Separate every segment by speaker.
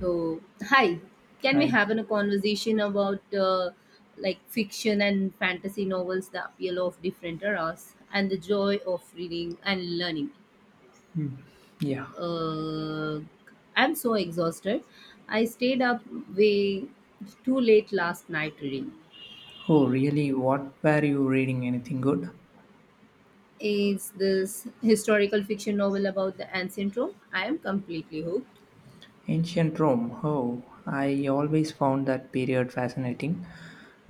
Speaker 1: So hi. Can we
Speaker 2: Hi.
Speaker 1: have a conversation about like fiction and fantasy novels, the appeal of different eras, and the joy of reading and learning?
Speaker 2: Yeah.
Speaker 1: Uh, I'm so exhausted. I stayed up way too late last night reading.
Speaker 2: Oh, really? What were you reading? Anything good?
Speaker 1: Is this historical fiction novel about the ancient Rome. I am completely hooked.
Speaker 2: Ancient Rome. Oh, I always found that period fascinating,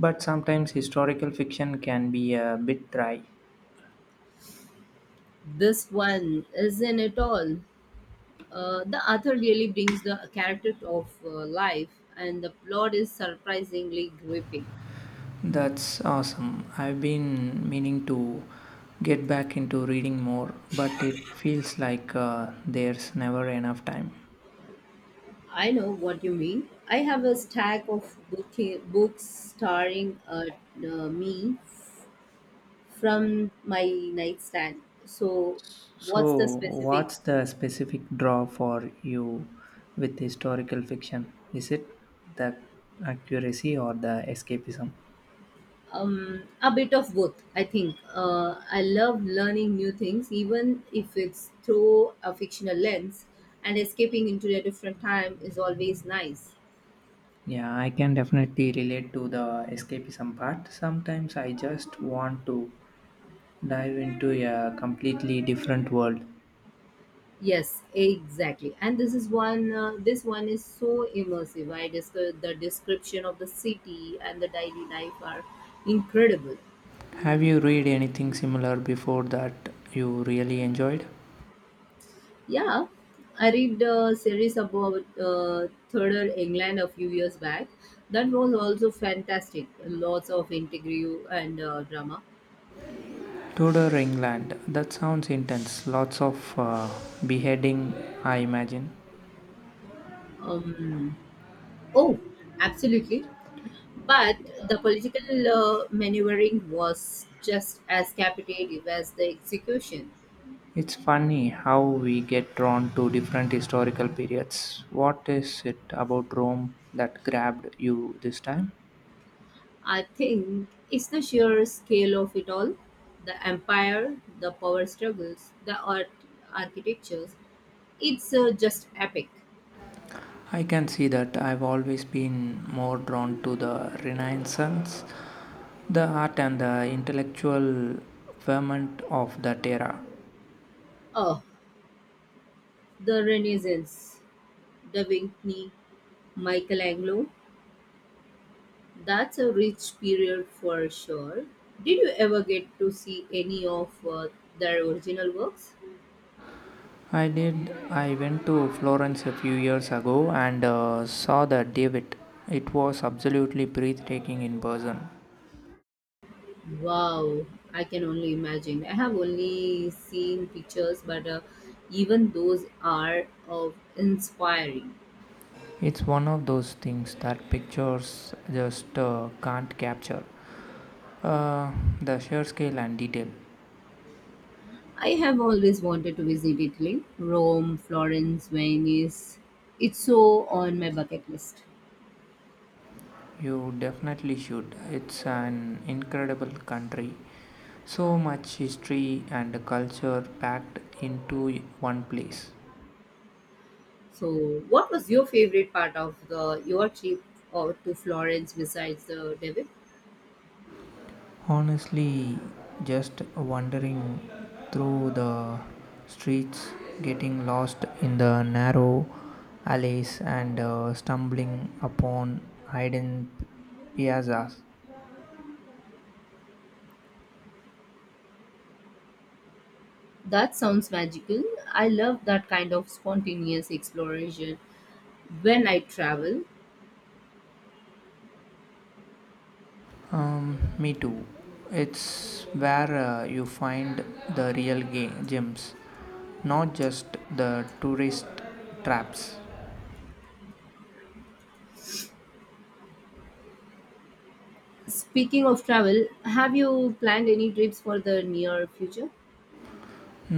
Speaker 2: but sometimes historical fiction can be a bit dry.
Speaker 1: This one isn't at all. The author really brings the character of life, and the plot is surprisingly gripping.
Speaker 2: That's awesome. I've been meaning to get back into reading more, but it feels like there's never enough time.
Speaker 1: I know what you mean. I have a stack of books starring me from my nightstand. So, what's the
Speaker 2: So,
Speaker 1: specific?
Speaker 2: what's the specific draw for you with historical fiction? Is it the accuracy or the escapism?
Speaker 1: A bit of both, I think. I love learning new things, even if it's through a fictional lens, and escaping into a different time is always nice.
Speaker 2: Yeah, I can definitely relate to the escapism part. Sometimes I just want to dive into a completely different world.
Speaker 1: Yes, exactly. And this is one. This one is so immersive. I discovered the description of the city and the daily life are incredible.
Speaker 2: Have you read anything similar before that you really enjoyed?
Speaker 1: Yeah, I read a series about Third England a few years back. That was also fantastic. Lots of intrigue and drama.
Speaker 2: Tudor England. That sounds intense. Lots of beheading, I imagine.
Speaker 1: Um, oh, absolutely. But the political maneuvering was just as captivating as the execution.
Speaker 2: It's funny how we get drawn to different historical periods. What is it about Rome that grabbed you this time?
Speaker 1: I think it's the sheer scale of it all, the empire, the power struggles, the art architectures. It's just epic.
Speaker 2: I can see that I've always been more drawn to the Renaissance, the art and the intellectual ferment of that era.
Speaker 1: Oh, the Renaissance, Da Vinci, Michelangelo. That's a rich period for sure. Did you ever get to see any of their original works?
Speaker 2: I did. I went to Florence a few years ago and saw the David. It was absolutely breathtaking in person.
Speaker 1: Wow, I can only imagine. I have only seen pictures, but even those are of inspiring.
Speaker 2: It's one of those things that pictures just can't capture. Uh, the sheer scale and detail.
Speaker 1: I have always wanted to visit Italy, Rome, Florence, Venice. It's so on my bucket list.
Speaker 2: You definitely should. It's an incredible country. So much history and culture packed into one place.
Speaker 1: So, what was your favorite part of the your trip or to Florence besides the David?
Speaker 2: Honestly, just wandering through the streets, getting lost in the narrow alleys and stumbling upon hidden p- piazzas.
Speaker 1: That sounds magical. I love that kind of spontaneous exploration when I travel.
Speaker 2: Me too. It's where you find the real gems, not just the tourist traps.
Speaker 1: Speaking of travel, have you planned any trips for the near future?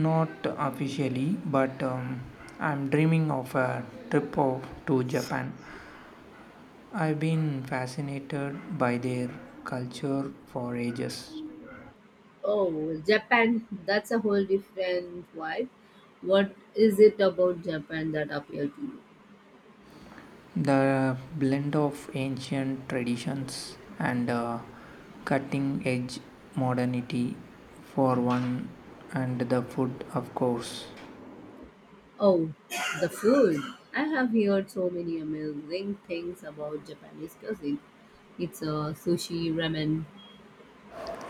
Speaker 2: Not officially, but I'm dreaming of a to Japan. I've been fascinated by their culture for ages.
Speaker 1: Oh, Japan, that's a whole different vibe. What is it about Japan that appealed to you?
Speaker 2: The blend of ancient traditions and cutting edge modernity, for one, and the food, of course.
Speaker 1: Oh, the food. I have heard so many amazing things about Japanese cuisine. It's a sushi, ramen.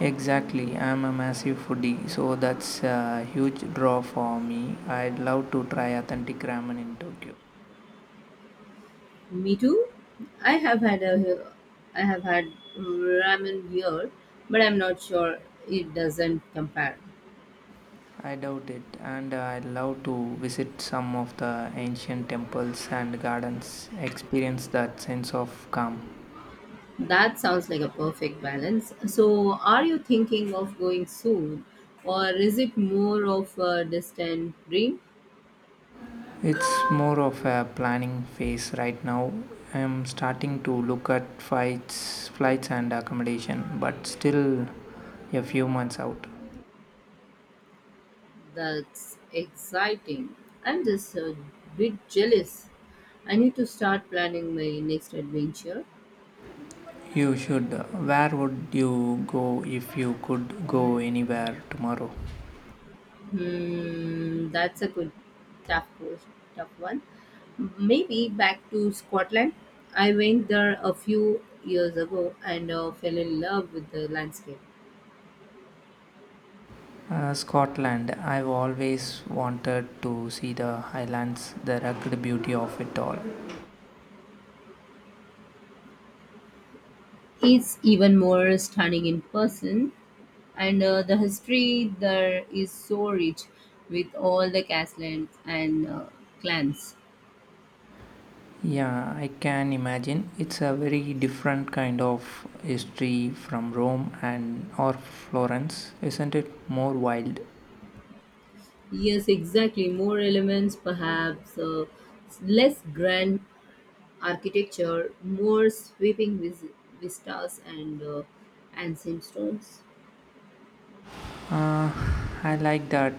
Speaker 2: Exactly, I'm a massive foodie, so that's a huge draw for me. I'd love to try authentic ramen in Tokyo.
Speaker 1: Me too. I have had a I have had ramen here, but I'm not sure it doesn't compare.
Speaker 2: I doubt it, and I'd love to visit some of the ancient temples and gardens, experience that sense of calm.
Speaker 1: That sounds like a perfect balance. So, are you thinking of going soon, or is it more of a distant dream?
Speaker 2: It's more of a planning phase right now. I'm starting to look at flights and accommodation, but still a few months out.
Speaker 1: That's exciting. I'm just a bit jealous. I need to start planning my next adventure.
Speaker 2: You should. Where would you go if you could go anywhere tomorrow?
Speaker 1: Hmm, that's a tough, course- tough one. Maybe back to Scotland. I went there a few years ago and fell in love with the landscape.
Speaker 2: Scotland. I've always wanted to see the Highlands, the rugged beauty of it all.
Speaker 1: He's even more stunning in person, and the history there is so rich with all the castles and clans.
Speaker 2: Yeah, I can imagine. It's a very different kind of history from Rome and or Florence, isn't it? More wild.
Speaker 1: Yes, exactly. More elements, perhaps less grand architecture, more sweeping vistas and ancient stones.
Speaker 2: Uh, I like that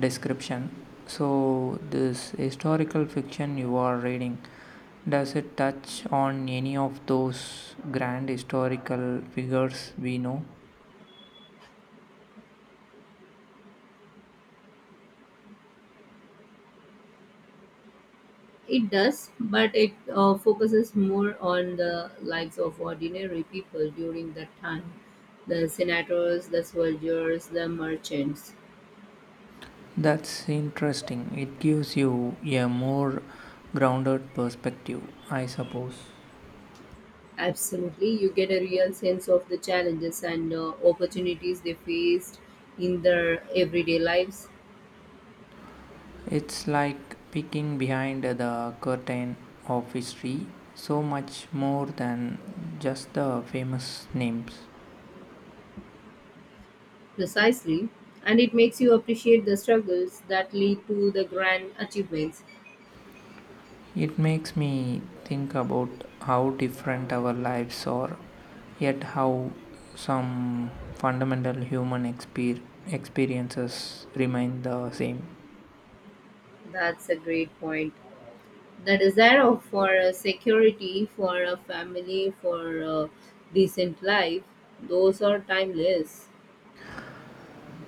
Speaker 2: description. So, this historical fiction you are reading, does it touch on any of those grand historical figures we know?
Speaker 1: It does, but it focuses more on the lives of ordinary people during that time, the senators, the soldiers, the merchants.
Speaker 2: That's interesting. It gives you a more grounded perspective, I suppose.
Speaker 1: Absolutely, you get a real sense of the challenges and opportunities they faced in their everyday lives.
Speaker 2: It's like peeking behind the curtain of history, so much more than just the famous names.
Speaker 1: Precisely, and it makes you appreciate the struggles that lead to the grand achievements.
Speaker 2: It makes me think about how different our lives are, yet how some fundamental experiences remain the same.
Speaker 1: That's a great point. The for a security, for a family, for a decent life, those are timeless.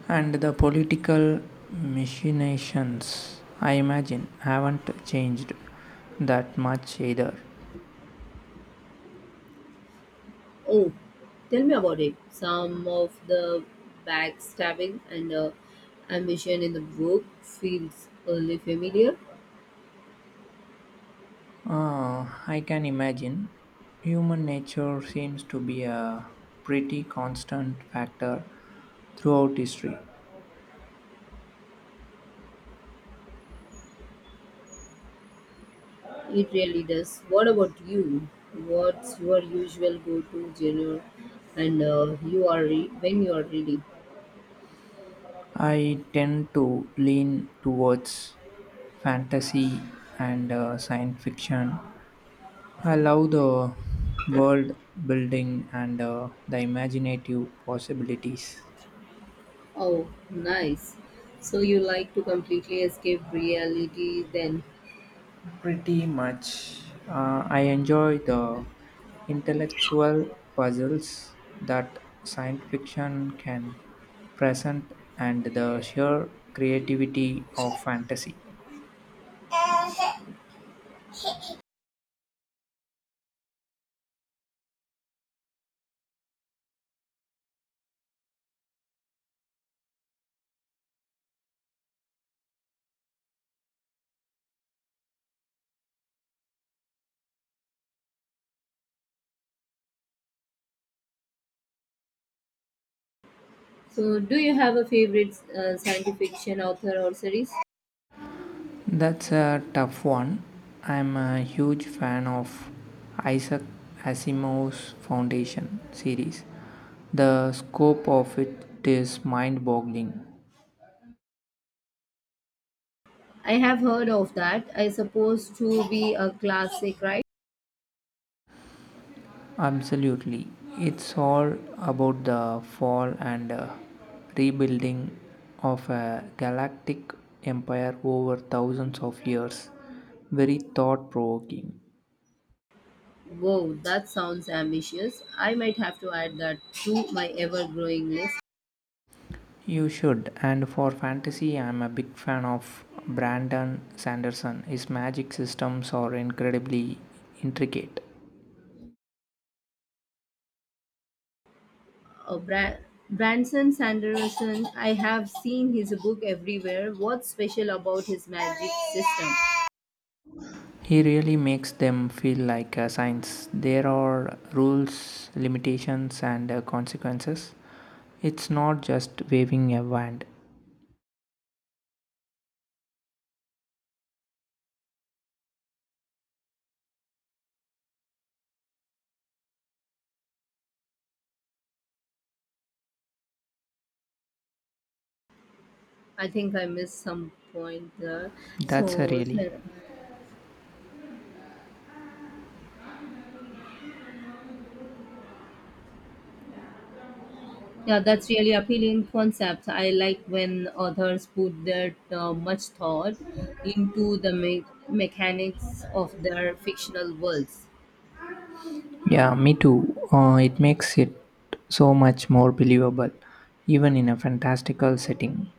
Speaker 2: And the political machinations, I imagine, haven't changed that much either.
Speaker 1: Oh, tell me about it. Some of the backstabbing and ambition in the book feels only familiar.
Speaker 2: Ah, I can imagine. Human nature seems to be a pretty constant factor throughout history.
Speaker 1: It really does. What about you? What's your usual go-to genre? And when you are reading.
Speaker 2: I tend to lean towards fantasy and science fiction. I love the world building and the imaginative possibilities.
Speaker 1: Oh, nice. So you like to completely escape reality then?
Speaker 2: Pretty much. I enjoy the intellectual puzzles that science fiction can present and the sheer creativity of fantasy.
Speaker 1: So, do you have a favorite science fiction author or series?
Speaker 2: That's a tough one. I'm a huge fan of Isaac Asimov's Foundation series. The scope of it is mind boggling.
Speaker 1: I have heard of that. I suppose to be a classic, right?
Speaker 2: Absolutely. It's all about the fall and rebuilding of a galactic empire over thousands of years. Very thought provoking.
Speaker 1: Wow, that sounds ambitious. I might have to add that to my ever-growing list.
Speaker 2: You should. And for fantasy, I'm a big fan of Brandon Sanderson. His magic systems are incredibly intricate.
Speaker 1: Uh, Bra- Branson Sanderson, I have seen his book everywhere. What's special about his magic system?
Speaker 2: He really makes them feel like a science. There are rules, limitations, and consequences. It's not just waving a wand.
Speaker 1: I think I missed some point there.
Speaker 2: That's a
Speaker 1: So,
Speaker 2: really.
Speaker 1: yeah, that's really appealing concept. I like when authors put that much thought into the mechanics of their fictional worlds.
Speaker 2: Yeah, me too. It makes it so much more believable, even in a fantastical setting.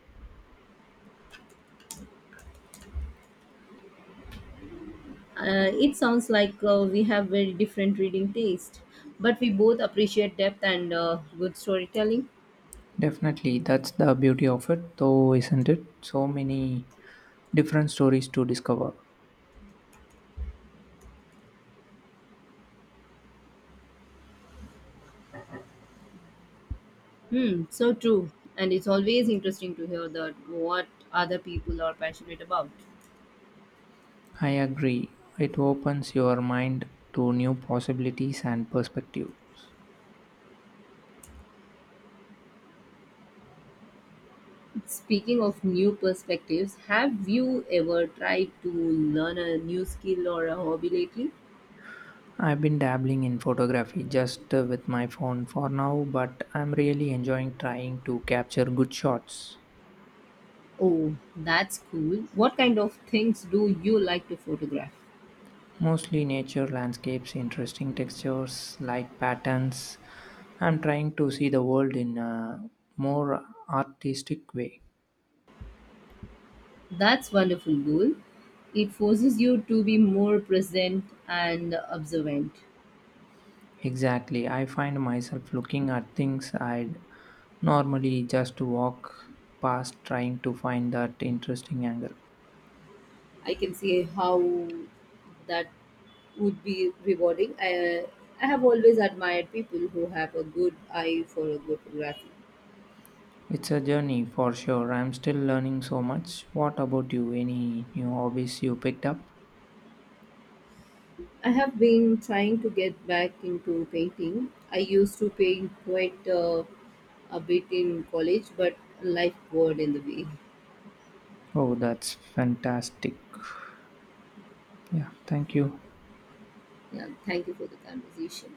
Speaker 1: It sounds like we have very different reading taste, but we both appreciate depth and good storytelling.
Speaker 2: Definitely, that's the beauty of it, though, isn't it? So many different stories to discover.
Speaker 1: Hmm, so true. And it's always interesting to hear that what other people are passionate about.
Speaker 2: I agree. It opens your mind to new possibilities and perspectives.
Speaker 1: Speaking of new perspectives, have you ever tried to learn a new skill or a hobby lately?
Speaker 2: I've been dabbling in photography just with my phone for now, but I'm really enjoying trying to capture good shots.
Speaker 1: Oh, that's cool. What kind of things do you like to photograph?
Speaker 2: Mostly nature, landscapes, interesting textures, light patterns. I'm trying to see the world in a more artistic way.
Speaker 1: That's wonderful goal. It forces you to be more present and observant.
Speaker 2: Exactly, I find myself looking at things I'd normally just walk past, trying to find that interesting angle.
Speaker 1: I can see how that would be rewarding. I have always admired people who have a good eye for a good photography.
Speaker 2: It's a journey for sure. I'm still learning so much. What about you? Any new hobbies you picked up?
Speaker 1: I have been trying to get back into painting. I used to paint quite a bit in college, but life got in the way.
Speaker 2: Oh, that's fantastic. Yeah, thank you.
Speaker 1: Yeah, thank you for the conversation.